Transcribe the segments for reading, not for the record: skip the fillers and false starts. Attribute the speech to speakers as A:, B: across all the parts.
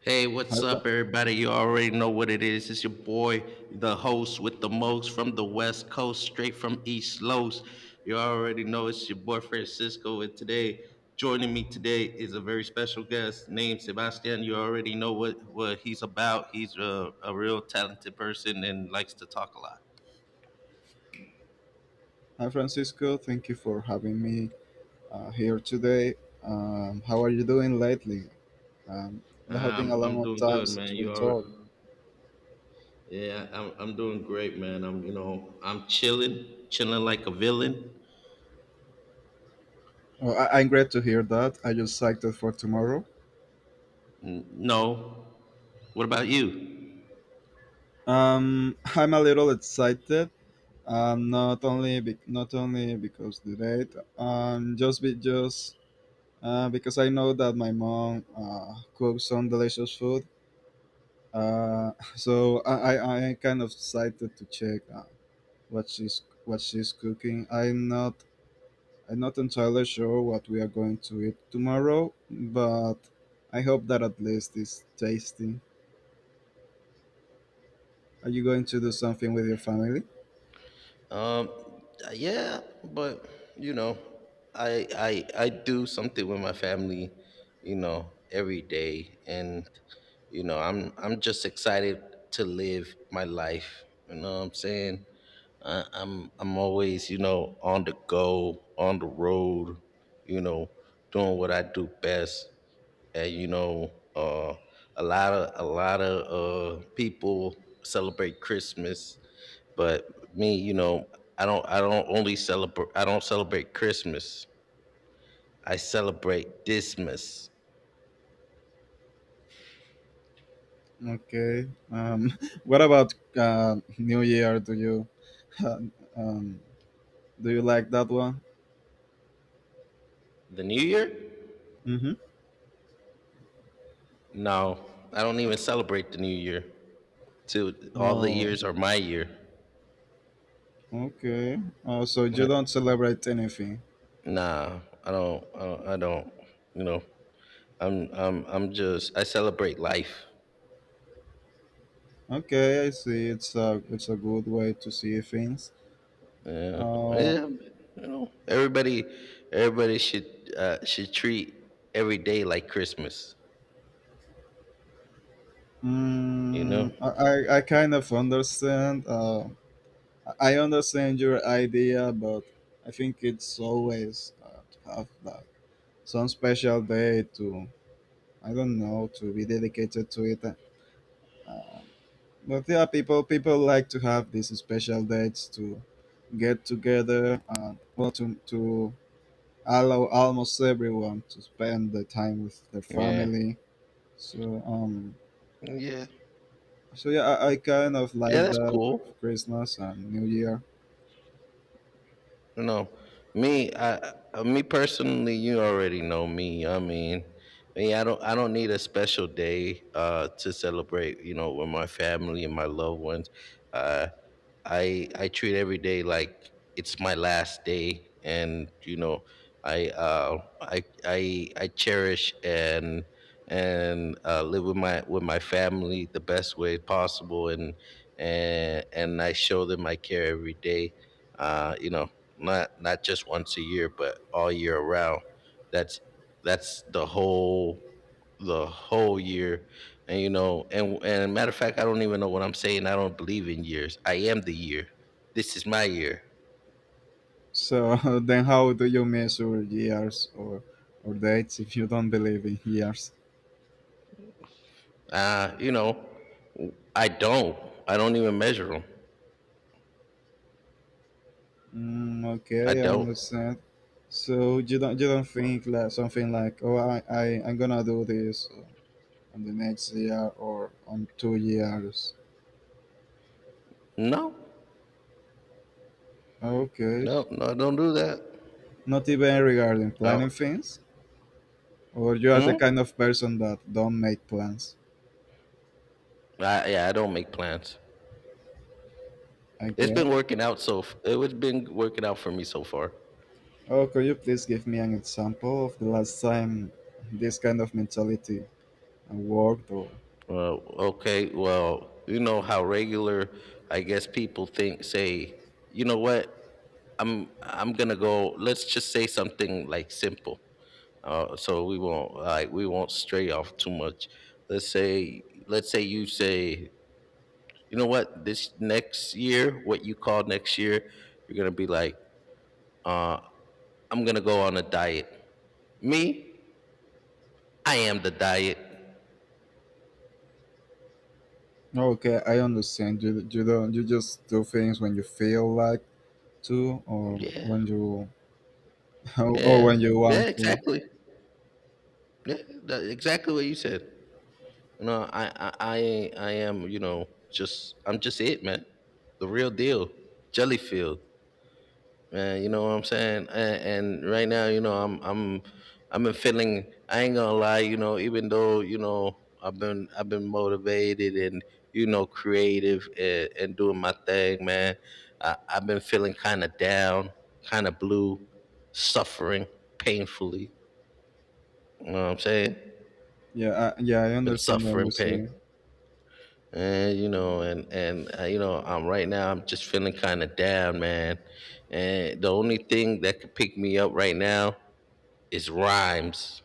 A: Hey,
B: Hi,
A: what's
B: Fra-
A: up, everybody? You already know what it is. It's your boy, the host with the most from the West Coast, straight from East Los. You already know it's your boy Francisco, and today joining me today is a very special guest named Sebastian. You already know what he's about. He's a real talented person and likes to talk a lot.
B: Hi, Francisco. Thank you for having me here today. How are you doing lately? Um,
A: Uh,
B: it has been a
A: I'm I'm
B: long
A: doing
B: time
A: good, man.
B: since we
A: You already,
B: talked.
A: yeah, I'm doing great, man. I'm chilling, chilling like a villain.
B: Oh, I'm glad to hear that. I just excited for tomorrow.
A: No, what about you?
B: I'm a little excited. Not only because the date. Just because I know that my mom cooks some delicious food. So I'm kind of excited to check what she's cooking. I'm not entirely sure what we are going to eat tomorrow, but I hope that at least it's tasty. Are you going to do something with your family?
A: Um, yeah, but you know, I do something with my family, every day, and I'm just excited to live my life. You know what I'm saying? I'm always on the go, on the road, you know, doing what I do best, and a lot of people celebrate Christmas, but me, I don't celebrate Christmas. I celebrate Dismas.
B: Okay. What about New Year? Do you um, do you like that one?
A: The New Year?
B: Mm-hmm.
A: No, I don't even celebrate the New Year. To all the
B: Oh,
A: years are my year.
B: okay. Oh, so you don't celebrate anything?
A: Nah, I don't you know. I celebrate life.
B: Okay, I see. It's a good way to see things.
A: Yeah.
B: Uh,
A: Yeah, know, everybody everybody should treat every day like Christmas, you know?
B: Mm, I kind of understand. I understand your idea, but I think it's always to have like some special day to, I don't know, to be dedicated to it. Uh, but yeah, people like to have these special dates to get together and, well, to allow almost everyone to spend the time with their
A: Yeah.
B: family. So um,
A: Yeah.
B: So yeah, I kind of
A: Yeah,
B: like
A: that's
B: that
A: cool.
B: of Christmas and New Year.
A: You know, Me, me personally, you already know me. I mean, me, I don't need a special day, to celebrate. With my family and my loved ones. Uh, I treat every day like it's my last day, and I cherish and live with my family the best way possible, and I show them I care every day, uh, you know not just once a year but all year around. That's that's the whole year. And you know and and matter of fact, I don't even know what I'm saying. I don't believe in years. I am the year. This is my year.
B: So then, how do you measure years or dates if you don't believe in years?
A: uh, you know I don't I don't even measure them.
B: Mm,
A: I
B: okay, I
A: don't
B: understand. So you don't think like something like, oh, I'm gonna do this on the next year or on 2 years.
A: No,
B: Okay,
A: no, no, I don't do that.
B: not even regarding
A: Oh,
B: planning things, or you are the
A: hmm?
B: kind of person that don't make plans.
A: Yeah, I don't make plans.
B: Okay.
A: It's been working out for me so far.
B: Oh, could you please give me an example of the last time this kind of mentality worked? Or
A: Well, okay, well, you know how regular, I guess, people think say, you know what? I'm gonna go. Let's just say something like simple, so we won't stray off too much. Let's say you say, you know what? This next year, what you call next year, you're gonna be like, uh, I'm gonna go on a diet. Me, I am the diet.
B: okay, I understand. You don't, you just do things when you feel like to, or
A: Yeah,
B: when you or
A: yeah,
B: when you
A: yeah.
B: want to.
A: Exactly. Yeah, exactly what you said. I am. You know, just I'm just it, man. The real deal. Jellyfield. You know what I'm saying? And right now, I've been feeling. I ain't gonna lie. Even though I've been motivated and creative, and doing my thing, man. I've been feeling kind of down, kind of blue, suffering painfully. You know what I'm saying?
B: Yeah, I
A: Been
B: understand what you're
A: suffering pain,
B: saying.
A: and you know, I'm right now. I'm just feeling kind of down, man. And the only thing that could pick me up right now, it's rhymes,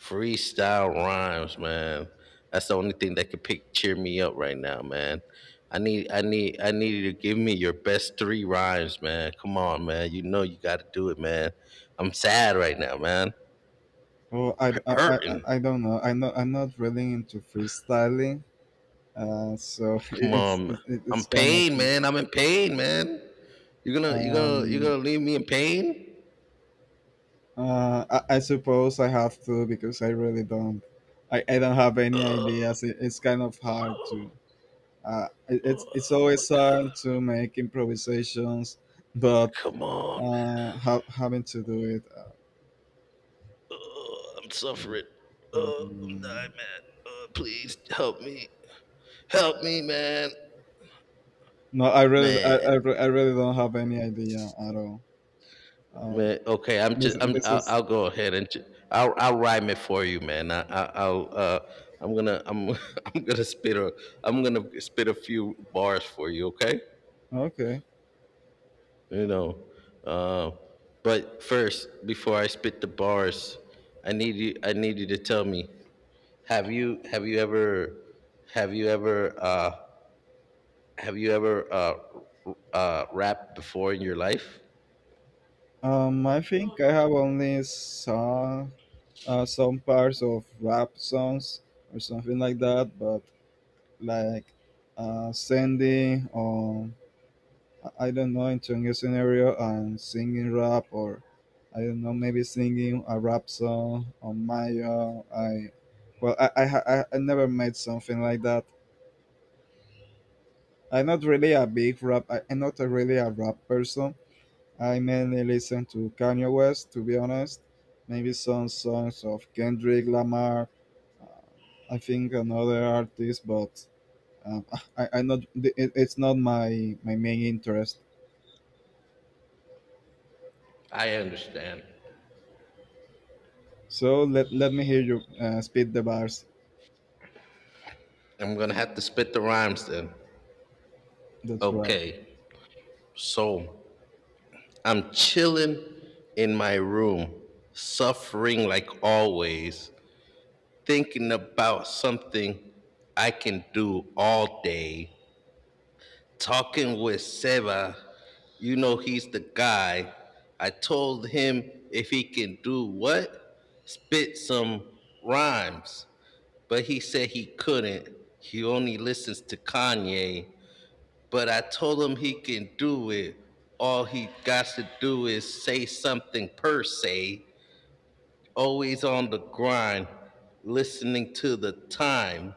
A: freestyle rhymes, man. That's the only thing that could pick cheer me up right now, man. I need you to give me your best three rhymes, man. Come on, man. You know you got to do it, man. I'm sad right now, man.
B: Oh,
A: Hurting.
B: I don't know. I'm not really into freestyling. So
A: Come on, I'm
B: it's kind of
A: pain, man. I'm in pain, man. You're gonna, you're gonna, you're
B: um
A: gonna leave me in pain.
B: I suppose I have to because I really don't. I don't have any
A: Oh
B: ideas. It's kind of hard to. It's it's
A: my
B: always
A: God.
B: hard to make improvisations, but
A: Come on,
B: having to do it.
A: Uh, I'm
B: Really-
A: suffering. I'm
B: mm,
A: dying, man. Please help me. Help me, man.
B: no, I really, I,
A: Man,
B: re- I really don't have any idea at all. Um,
A: man. Okay, I'm just.
B: this
A: I'm.
B: this
A: I'll,
B: is
A: I'll go ahead and. I'll. I'll rhyme it for you, man. I'll. I'm gonna. I'm. I'm gonna spit a. I'm gonna spit a few bars for you. Okay.
B: Okay.
A: You know. Uh, but first, before I spit the bars, I need you. I need you to tell me. Have you? Have you ever? Have you ever? Have you ever rapped before in your life?
B: I think I have only saw some parts of rap songs or something like that, but like sending or I don't know, into a new scenario and singing rap, or I don't know, maybe singing a rap song on Maya. I Well I, ha- I never made something like that. I'm not really a big rap. I'm not a really a rap person. I mainly listen to Kanye West, to be honest. Maybe some songs of Kendrick Lamar. uh, I think another artist, but Um, I not the- it's not my my main interest.
A: I understand.
B: So let let me hear you spit the bars.
A: I'm gonna have to spit the rhymes then.
B: That's right.
A: Okay, so I'm chilling in my room, suffering like always, thinking about something I can do all day. Talking with Seva, you know he's the guy. I told him if he can do what? Spit some rhymes, but he said he couldn't. He only listens to Kanye. But I told him he can do it. All he got to do is say something per se. Always on the grind, listening to the time.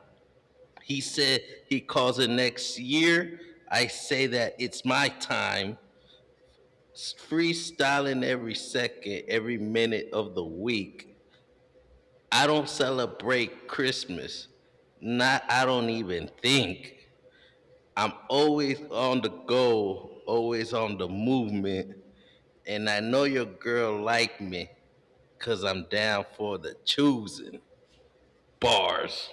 A: He said he calls it next year. I say that it's my time. Freestyling every second, every minute of the week. I don't celebrate Christmas. Not I don't even think. I'm always on the go, always on the movement, and I know your girl like me cuz I'm down for the choosing. Bars.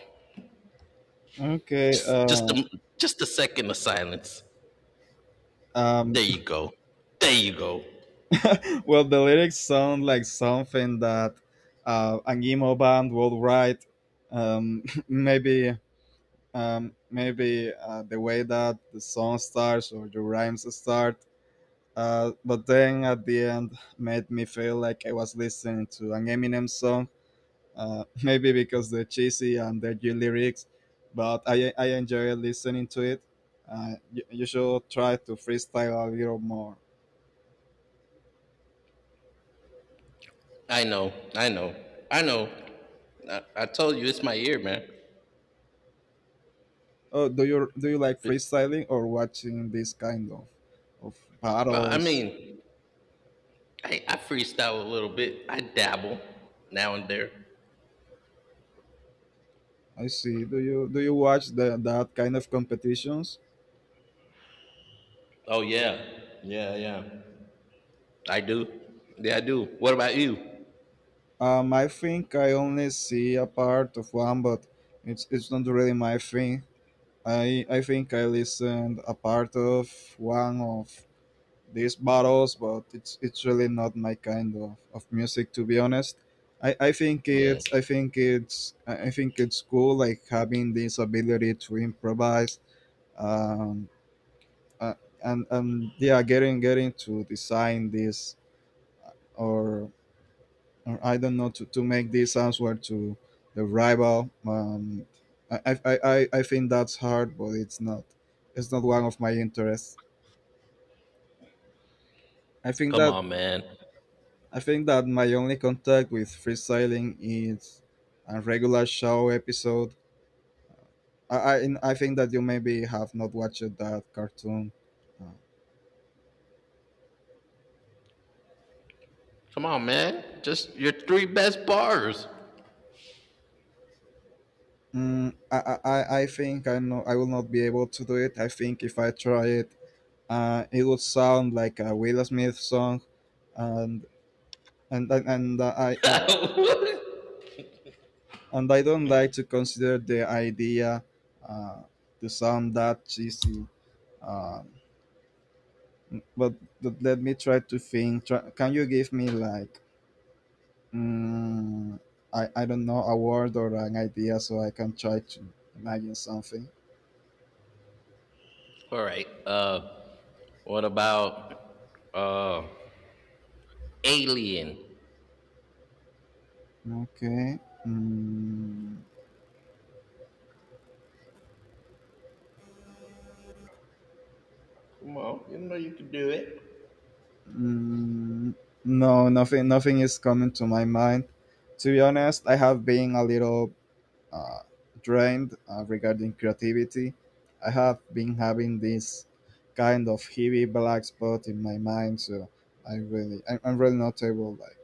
B: Okay.
A: Just just a, just a second of silence.
B: Um.
A: There you go. There you go.
B: Well, the lyrics sound like something that an emo band would write. Maybe maybe the way that the song starts or the rhymes start. But then at the end, made me feel like I was listening to an Eminem song maybe because they're cheesy and they're good lyrics, but I enjoy listening to it. You should try to freestyle a little more.
A: I know. I know. I know. I told you it's my ear, man.
B: Oh, do you like
A: But,
B: freestyling or watching this kind of
A: well, I
B: battles?
A: mean, I freestyle a little bit. I dabble now and there.
B: I see. Do you watch the, that kind of competitions?
A: Oh yeah. Yeah, yeah. I do. Yeah, I do. What about you?
B: I think I only see a part of one, but it's not really my thing. I think I listened a part of one of these battles, but it's really not my kind of music, to be honest. I think
A: Yeah.
B: it's I think it's I think it's cool, like having this ability to improvise um uh, and yeah, getting to design this or or, I don't know, to make this answer to the rival. I think that's hard, but it's not one of my interests. I think
A: Come
B: that
A: on, man.
B: I think that my only contact with freestyling is a regular show episode. And I think that you maybe have not watched that cartoon. Uh,
A: Come on, man. Just your three best bars.
B: I think I know I will not be able to do it. I think if I try it, it would sound like a Will Smith song, and and and, and I, I uh,
A: All
B: and I don't like to consider the idea uh, to sound that cheesy. Um, but, but let me try to think. Try, can you give me like mm, I don't know, a word or an idea so I can try to imagine something?
A: right. What about uh, Alien?
B: Okay. Mm,
A: Come on. You know you can do it.
B: mm, no, nothing. Nothing is coming to my mind. To be honest, I have been a little uh, drained regarding creativity. I have been having this kind of heavy black spot in my mind, so I really, I'm really not able like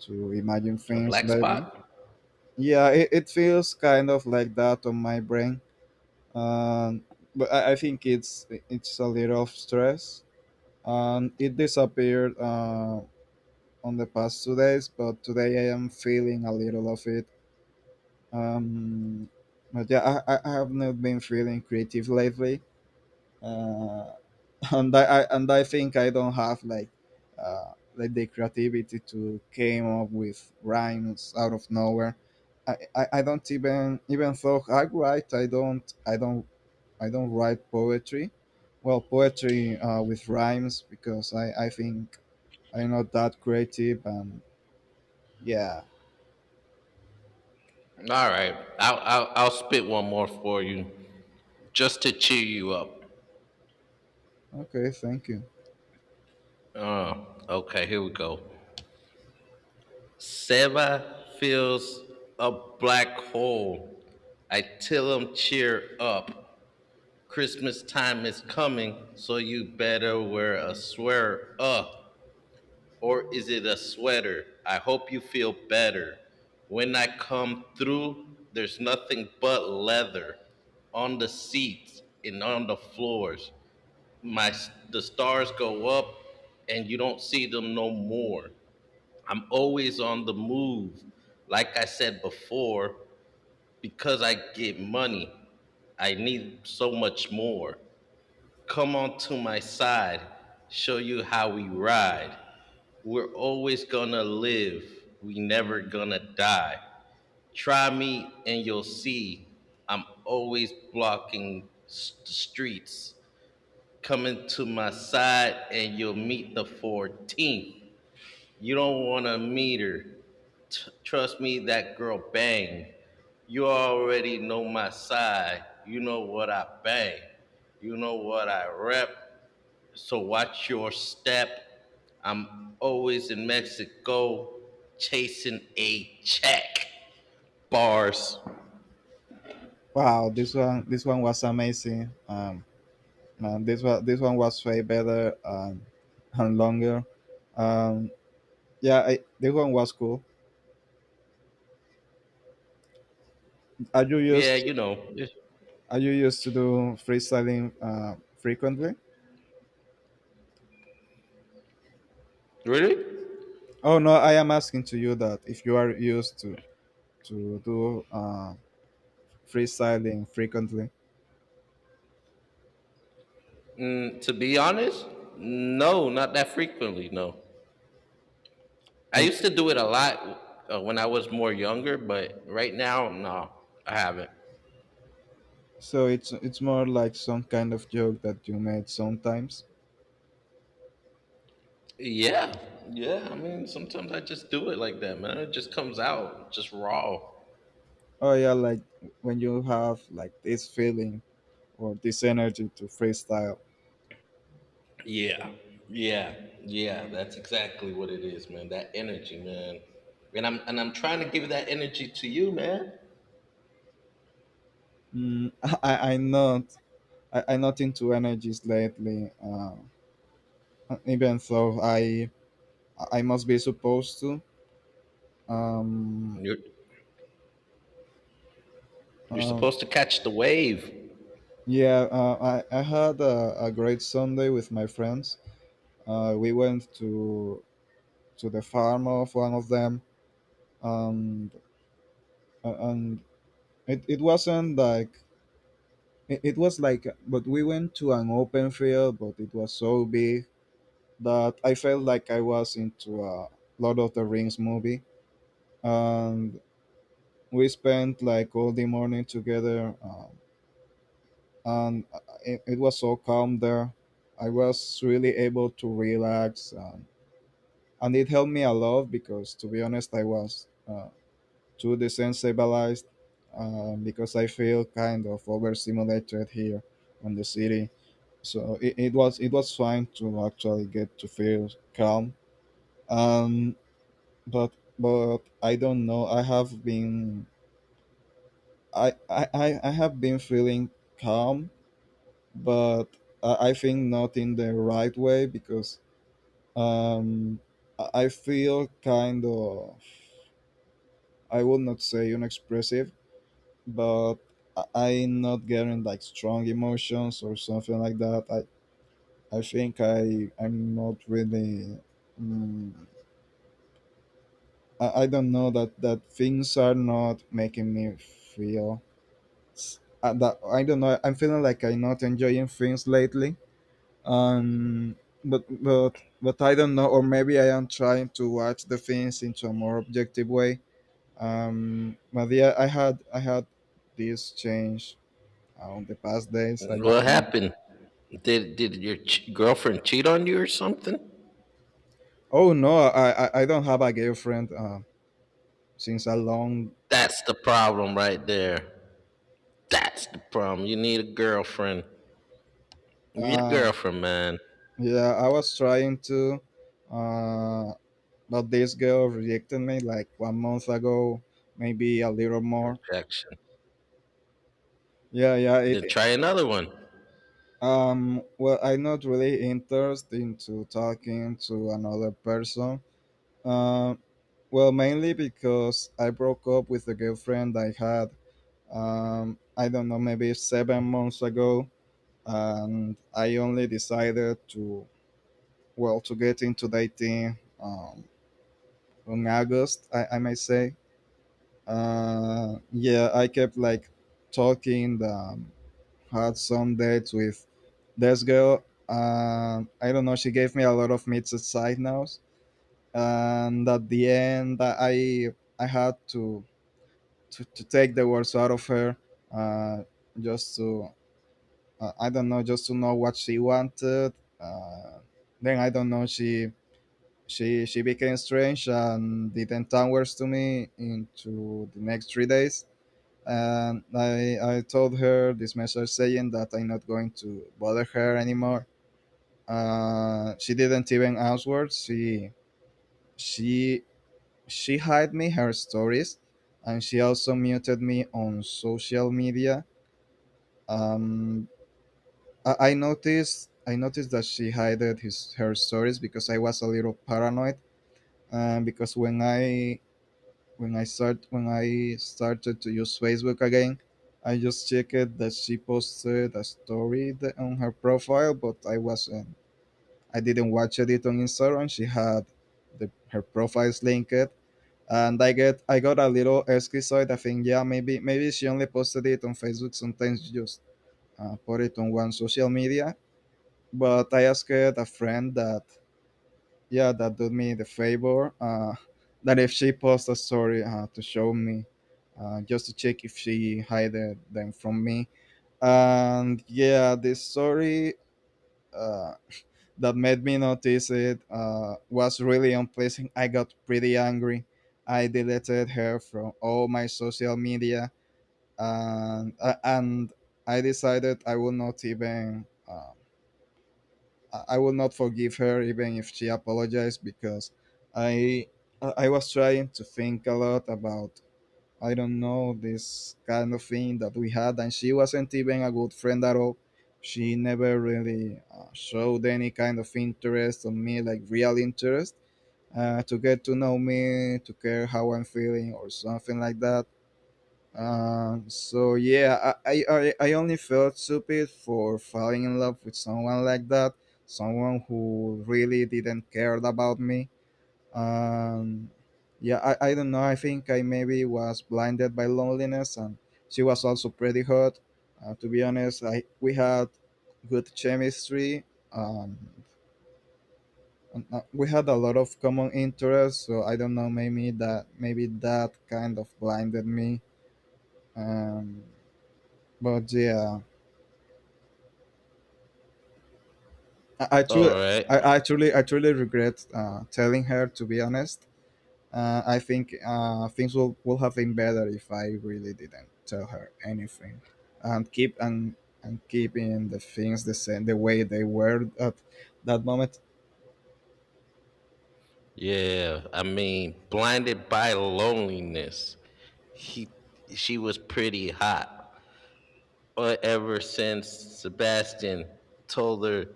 B: to imagine
A: A
B: things
A: black
B: lately.
A: spot?
B: Yeah, it feels kind of like that on my brain. Um, I think it's a little of stress. It disappeared on the past 2 days, but today I am feeling a little of it. Um, but yeah, I have not been feeling creative lately. Uh, and I think I don't have like the creativity to came up with rhymes out of nowhere. I don't even Even though I write, I don't write poetry. Well, poetry with rhymes, because I think I'm not that creative, and yeah.
A: All right. I'll spit one more for you just to cheer you up.
B: Okay, thank you.
A: Uh, okay, here we go. Seva feels a black hole. I tell him cheer up. Christmas time is coming, so you better wear a sweater. Or is it a sweater? I hope you feel better. When I come through, there's nothing but leather on the seats and on the floors. My The stars go up and you don't see them no more. I'm always on the move. Like I said before, because I get money, I need so much more. Come on to my side, show you how we ride. We're always gonna live, we never gonna die. Try me and you'll see I'm always blocking the streets. Coming to my side and you'll meet the 14th. You don't wanna meet her. Trust me, that girl bang. You already know my side. You know what I bang. You know what I rep. So watch your step. I'm always in Mexico chasing a check. Bars.
B: Wow, this one was amazing. Man, this one was way better, and longer. Um, Yeah, the one was cool. Are you
A: Yeah,
B: used Are you used to do freestyling frequently?
A: really?
B: Oh no, I am asking to you that if you are used to do freestyling frequently.
A: To be honest, no, not that frequently. No, I used to do it a lot, when I was more younger, but right now, no, I haven't.
B: So it's more like some kind of joke that you made sometimes.
A: Yeah, yeah. I mean, sometimes I just do it like that, man. It just comes out just raw.
B: Oh yeah, like when you have like this feeling or this energy to freestyle.
A: Yeah, yeah, yeah. That's exactly what it is, man. That energy, man. And I'm trying to give that energy to you, man.
B: Mm, I I not I'm not into energies lately. Even though I must be supposed to. Um,
A: You're you're
B: um,
A: supposed to catch the wave.
B: yeah, I had a great Sunday with my friends. We went to the farm of one of them, and and it wasn't like it was like, but we went to an open field, but it was so big that I felt like I was into a Lord of the Rings movie, and we spent like all the morning together. And it was so calm there. I was really able to relax, and it helped me a lot because, to be honest, I was too desensitized because I feel kind of overstimulated here on the city. So it was, it was fine to actually get to feel calm. Um, but but I don't know. I have been feeling calm, but I think not in the right way, because um, I feel kind of, I would not say unexpressive, but I- I'm not getting like strong emotions or something like that. I'm not really. mm I don't know, that that things are not making me feel. s- that, I don't know. I'm feeling like I'm not enjoying things lately, um but but but I don't know, or maybe I am trying to watch the things into a more objective way. But yeah, I had this change on the past days, I
A: What
B: don't
A: happened? Did your girlfriend cheat on you or something?
B: Oh no, I don't have a girlfriend since a long
A: That's the problem right there. That's the problem. You need a girlfriend. You need a
B: uh,
A: girlfriend, man.
B: yeah, I was trying to uh but this girl rejected me like 1 month ago, maybe a little more.
A: Rejection.
B: yeah yeah it,
A: Then try another one.
B: Well, I'm not really interested into talking to another person. Um, well, mainly because I broke up with a girlfriend I had. I don't know, maybe 7 months ago, and I only decided to, well, to get into dating, in August. I may say. Yeah, I kept like talking. Had some dates with this girl. And I don't know. She gave me a lot of mixed signals, and at the end, I had to take the words out of her, uh, just to I don't know, just to know what she wanted. Uh, then I don't know. She became strange and didn't answer to me into the next 3 days, and I told her this message saying that I'm not going to bother her anymore. She didn't even answer. She she hid me her stories, and she also muted me on social media. Um, I noticed that she hid his her stories because I was a little paranoid. Because when I started to use Facebook again, I just checked that she posted a story on her profile, but I wasn't. I didn't watch it on Instagram. She had her profiles linked, and I got a little schizoid, I think. Yeah, maybe she only posted it on Facebook. Sometimes you just put it on one social media. But I asked a friend that yeah, that do me the favor, that if she posts a story, to show me, just to check if she hid them from me. And yeah, this story, uh, that made me notice it, was really unpleasant. I got pretty angry. I deleted her from all my social media, and I decided I would not even, I will not forgive her even if she apologized, because I was trying to think a lot about, I don't know, this kind of thing that we had, and she wasn't even a good friend at all. She never really showed any kind of interest on me, like real interest, to get to know me, to care how I'm feeling or something like that. So yeah, I only felt stupid for falling in love with someone like that, someone who really didn't care about me. Um, yeah, I don't know. I think I maybe was blinded by loneliness, and she was also pretty hot. To be honest, I we had good chemistry. Um, and we had a lot of common interests, so I don't know. Maybe that kind of blinded me. Um, But yeah, I, I truly,
A: All right.
B: I truly regret, telling her. To be honest, I think, things will have been better if I really didn't tell her anything, and keeping the things the same, the way they were at that moment.
A: Yeah. I mean, blinded by loneliness. He She was pretty hot. Or ever since Sebastian told her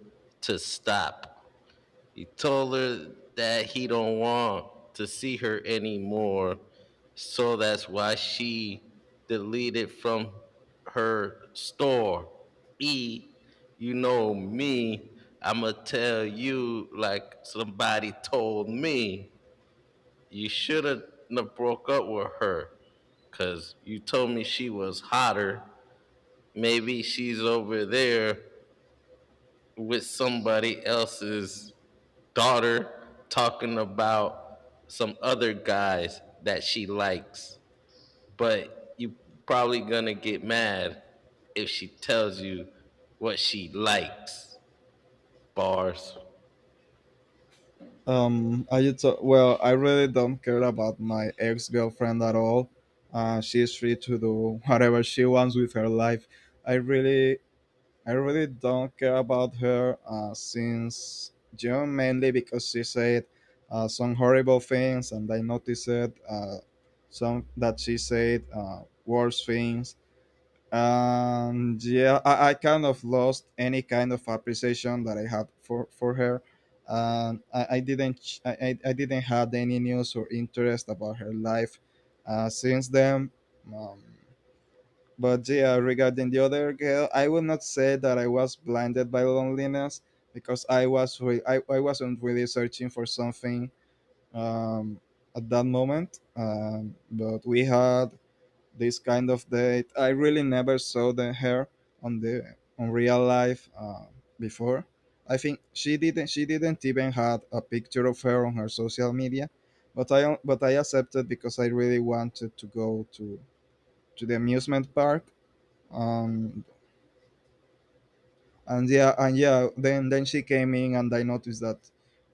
A: to stop. He told her that he don't want to see her anymore. So that's why she deleted from her store. E, you know me. I'ma tell you like somebody told me. You shouldn't have broke up with her, cause you told me she was hotter. Maybe she's over there with somebody else's daughter talking about some other guys that she likes. But you probably gonna get mad if she tells you what she likes. Bars.
B: I just well, I really don't care about my ex girlfriend at all. She's free to do whatever she wants with her life. I really I really don't care about her, since June, mainly because she said, some horrible things, and I noticed, some that she said, worse things. And yeah, I kind of lost any kind of appreciation that I had for her. And I didn't ch- I didn't had any news or interest about her life, since then. Um, but yeah, regarding the other girl, I will not say that I was blinded by loneliness, because I wasn't really searching for something, um, at that moment. But we had this kind of date. I really never saw the her on the on real life, before. I think she didn't even had a picture of her on her social media, but I accepted because I really wanted to go to the amusement park. um and yeah, then she came in, and I noticed that,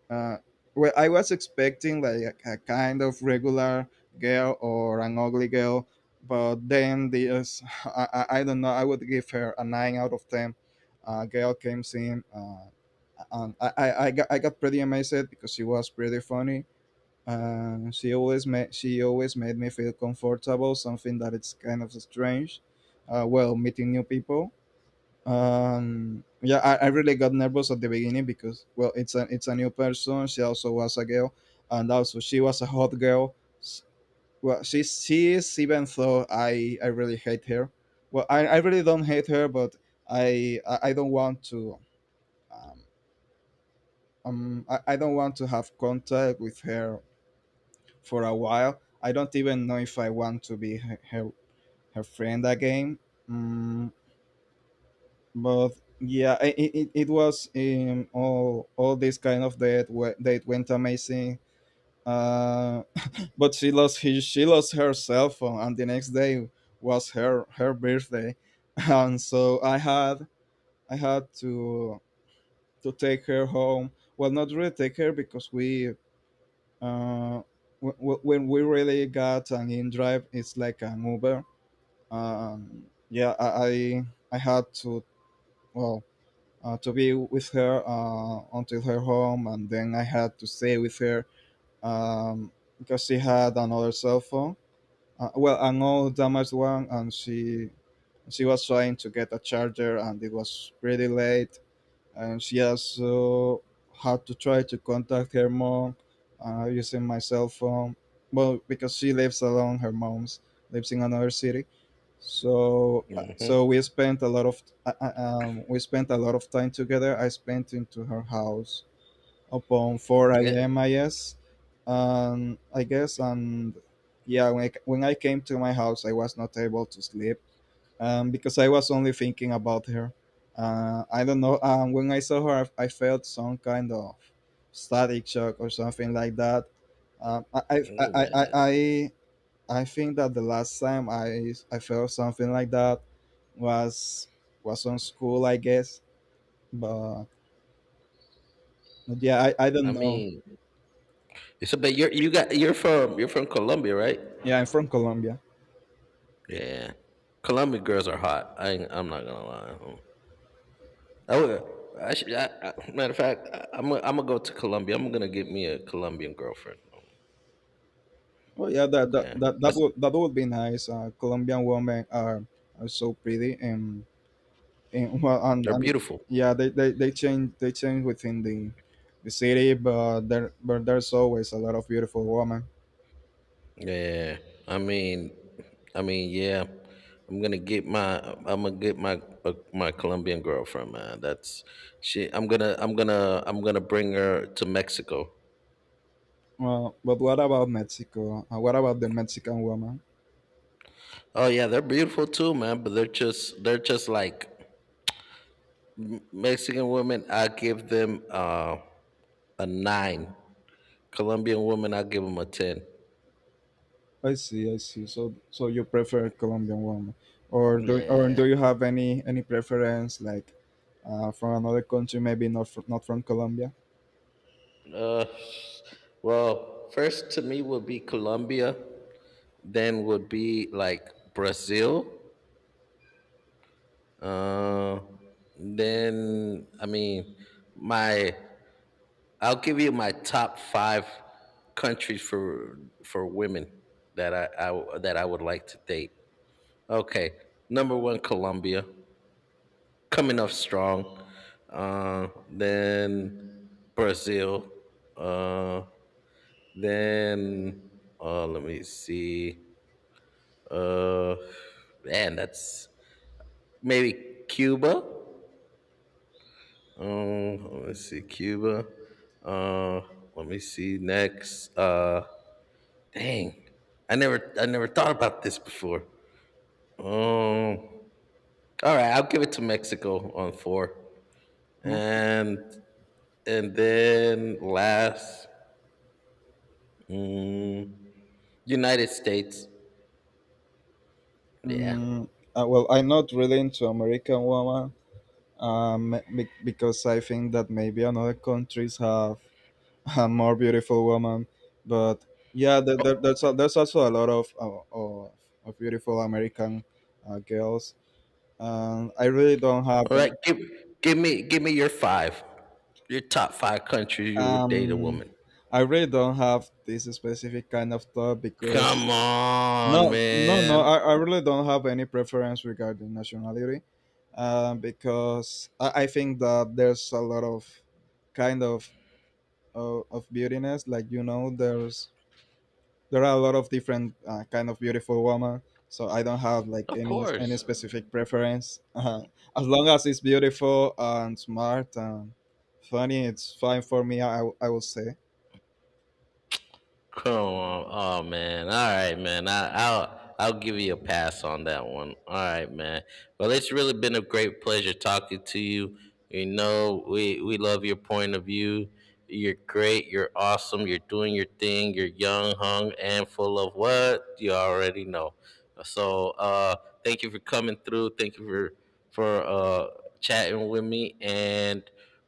B: uh well, I was expecting like a kind of regular girl or an ugly girl, but then this I don't know, I would give her a nine out of ten girl came in, and I got pretty amazed because she was pretty funny, and she always made me feel comfortable, something that it's kind of strange, well, meeting new people. Yeah, I really got nervous at the beginning because, well, it's a new person. She also was a girl, and also she was a hot girl. S- Well, she is, even though I really hate her. Well, I really don't hate her, but I don't want to, um, I don't want to have contact with her for a while. I don't even know if I want to be her friend again. Mm, but yeah, it was, all this kind of date went amazing, uh, but she lost her cell phone, and the next day was her birthday. And so I had to take her home, well, not really take her because we, uh, when we really got an in drive, it's like an Uber. um, yeah I, I I had to, well, to be with her, until her home, and then I had to stay with her, um, because she had another cell phone. Well, an old damaged one, and she was trying to get a charger, and it was pretty late. And she also had to try to contact her mom, using my cell phone. Well, because she lives alone, her mom's lives in another city. So
A: Hmm.
B: we spent a lot of, we spent a lot of time together. I spent into her house upon 4
A: Yeah.
B: a.m. I guess and yeah, when when I came to my house, I was not able to sleep, because I was only thinking about her. I don't know. When I saw her, I felt some kind of static shock or something like that. Um, I, I, I,
A: Oh,
B: I,
A: man.
B: I I think that the last time I felt something like that was on school, I guess. But, but yeah, I
A: I
B: don't know.
A: mean, so but you're from Colombia, right?
B: Yeah, I'm from Colombia.
A: Yeah, Colombian girls are hot. I ain't, I'm not gonna lie. I would. I should. Matter of fact, I'm gonna go to Colombia. I'm gonna get me a Colombian girlfriend.
B: Oh yeah,
A: Yeah, that's.
B: that would be nice. Colombian women are so pretty, and well,
A: They're
B: and
A: beautiful.
B: yeah, they change within the city, but there's always a lot of beautiful women.
A: Yeah, I mean, I mean, yeah. I'm gonna get my Colombian girlfriend, man. That's she. I'm gonna bring her to Mexico.
B: Well, but what about Mexico? What about the Mexican woman?
A: Oh yeah, they're beautiful too, man. But they're just. They're just like Mexican women. I give them, a nine. Colombian woman, I'll give them a 10.
B: I see, I see. So you prefer Colombian woman, or
A: Yeah.
B: do you have any preference like, from another country, maybe not from Colombia?
A: Uh, well, first to me would be Colombia, then would be like Brazil. Uh, then, I mean, my, I'll give you my top five countries for women that I would like to date. Okay, number one, Colombia. Coming off strong. Then Brazil. Uh, then let me see. Uh, man, that's maybe Cuba. Let's see Cuba. Uh, Let me see next. Dang, I never thought about this before. Um, all right, I'll give it to Mexico on four,
B: Hmm?
A: and and then last, Mm, United States. Yeah.
B: Mm, well, I'm not really into American woman, because I think that maybe another countries have a more beautiful woman. But yeah, there's there's also a lot of of beautiful American, girls. I really don't have.
A: All right. Give me your five. Your top five countries you would date a
B: Um,
A: woman.
B: I really don't have this specific kind of thought because,
A: Come on,
B: no, no, no,
A: man.
B: I really don't have any preference regarding nationality, because I think that there's a lot of kind of of beautiness. Like you know, there are a lot of different, kind of beautiful women. So I don't have like
A: Of
B: any
A: course.
B: specific preference. As long as it's beautiful and smart and funny, it's fine for me, I will say.
A: Come on. Oh, man. All right, man. I'll give you a pass on that one. All right, man. Well, it's really been a great pleasure talking to you. You know, we love your point of view. You're great. You're awesome. You're doing your thing. You're young, hung, and full of what you already know. So, thank you for coming through. Thank you for chatting with me. And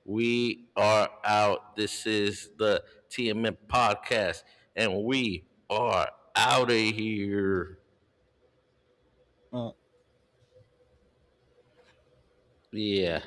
A: we are out. This is the TMM podcast. And we are out of here.
B: Uh,
A: Yeah.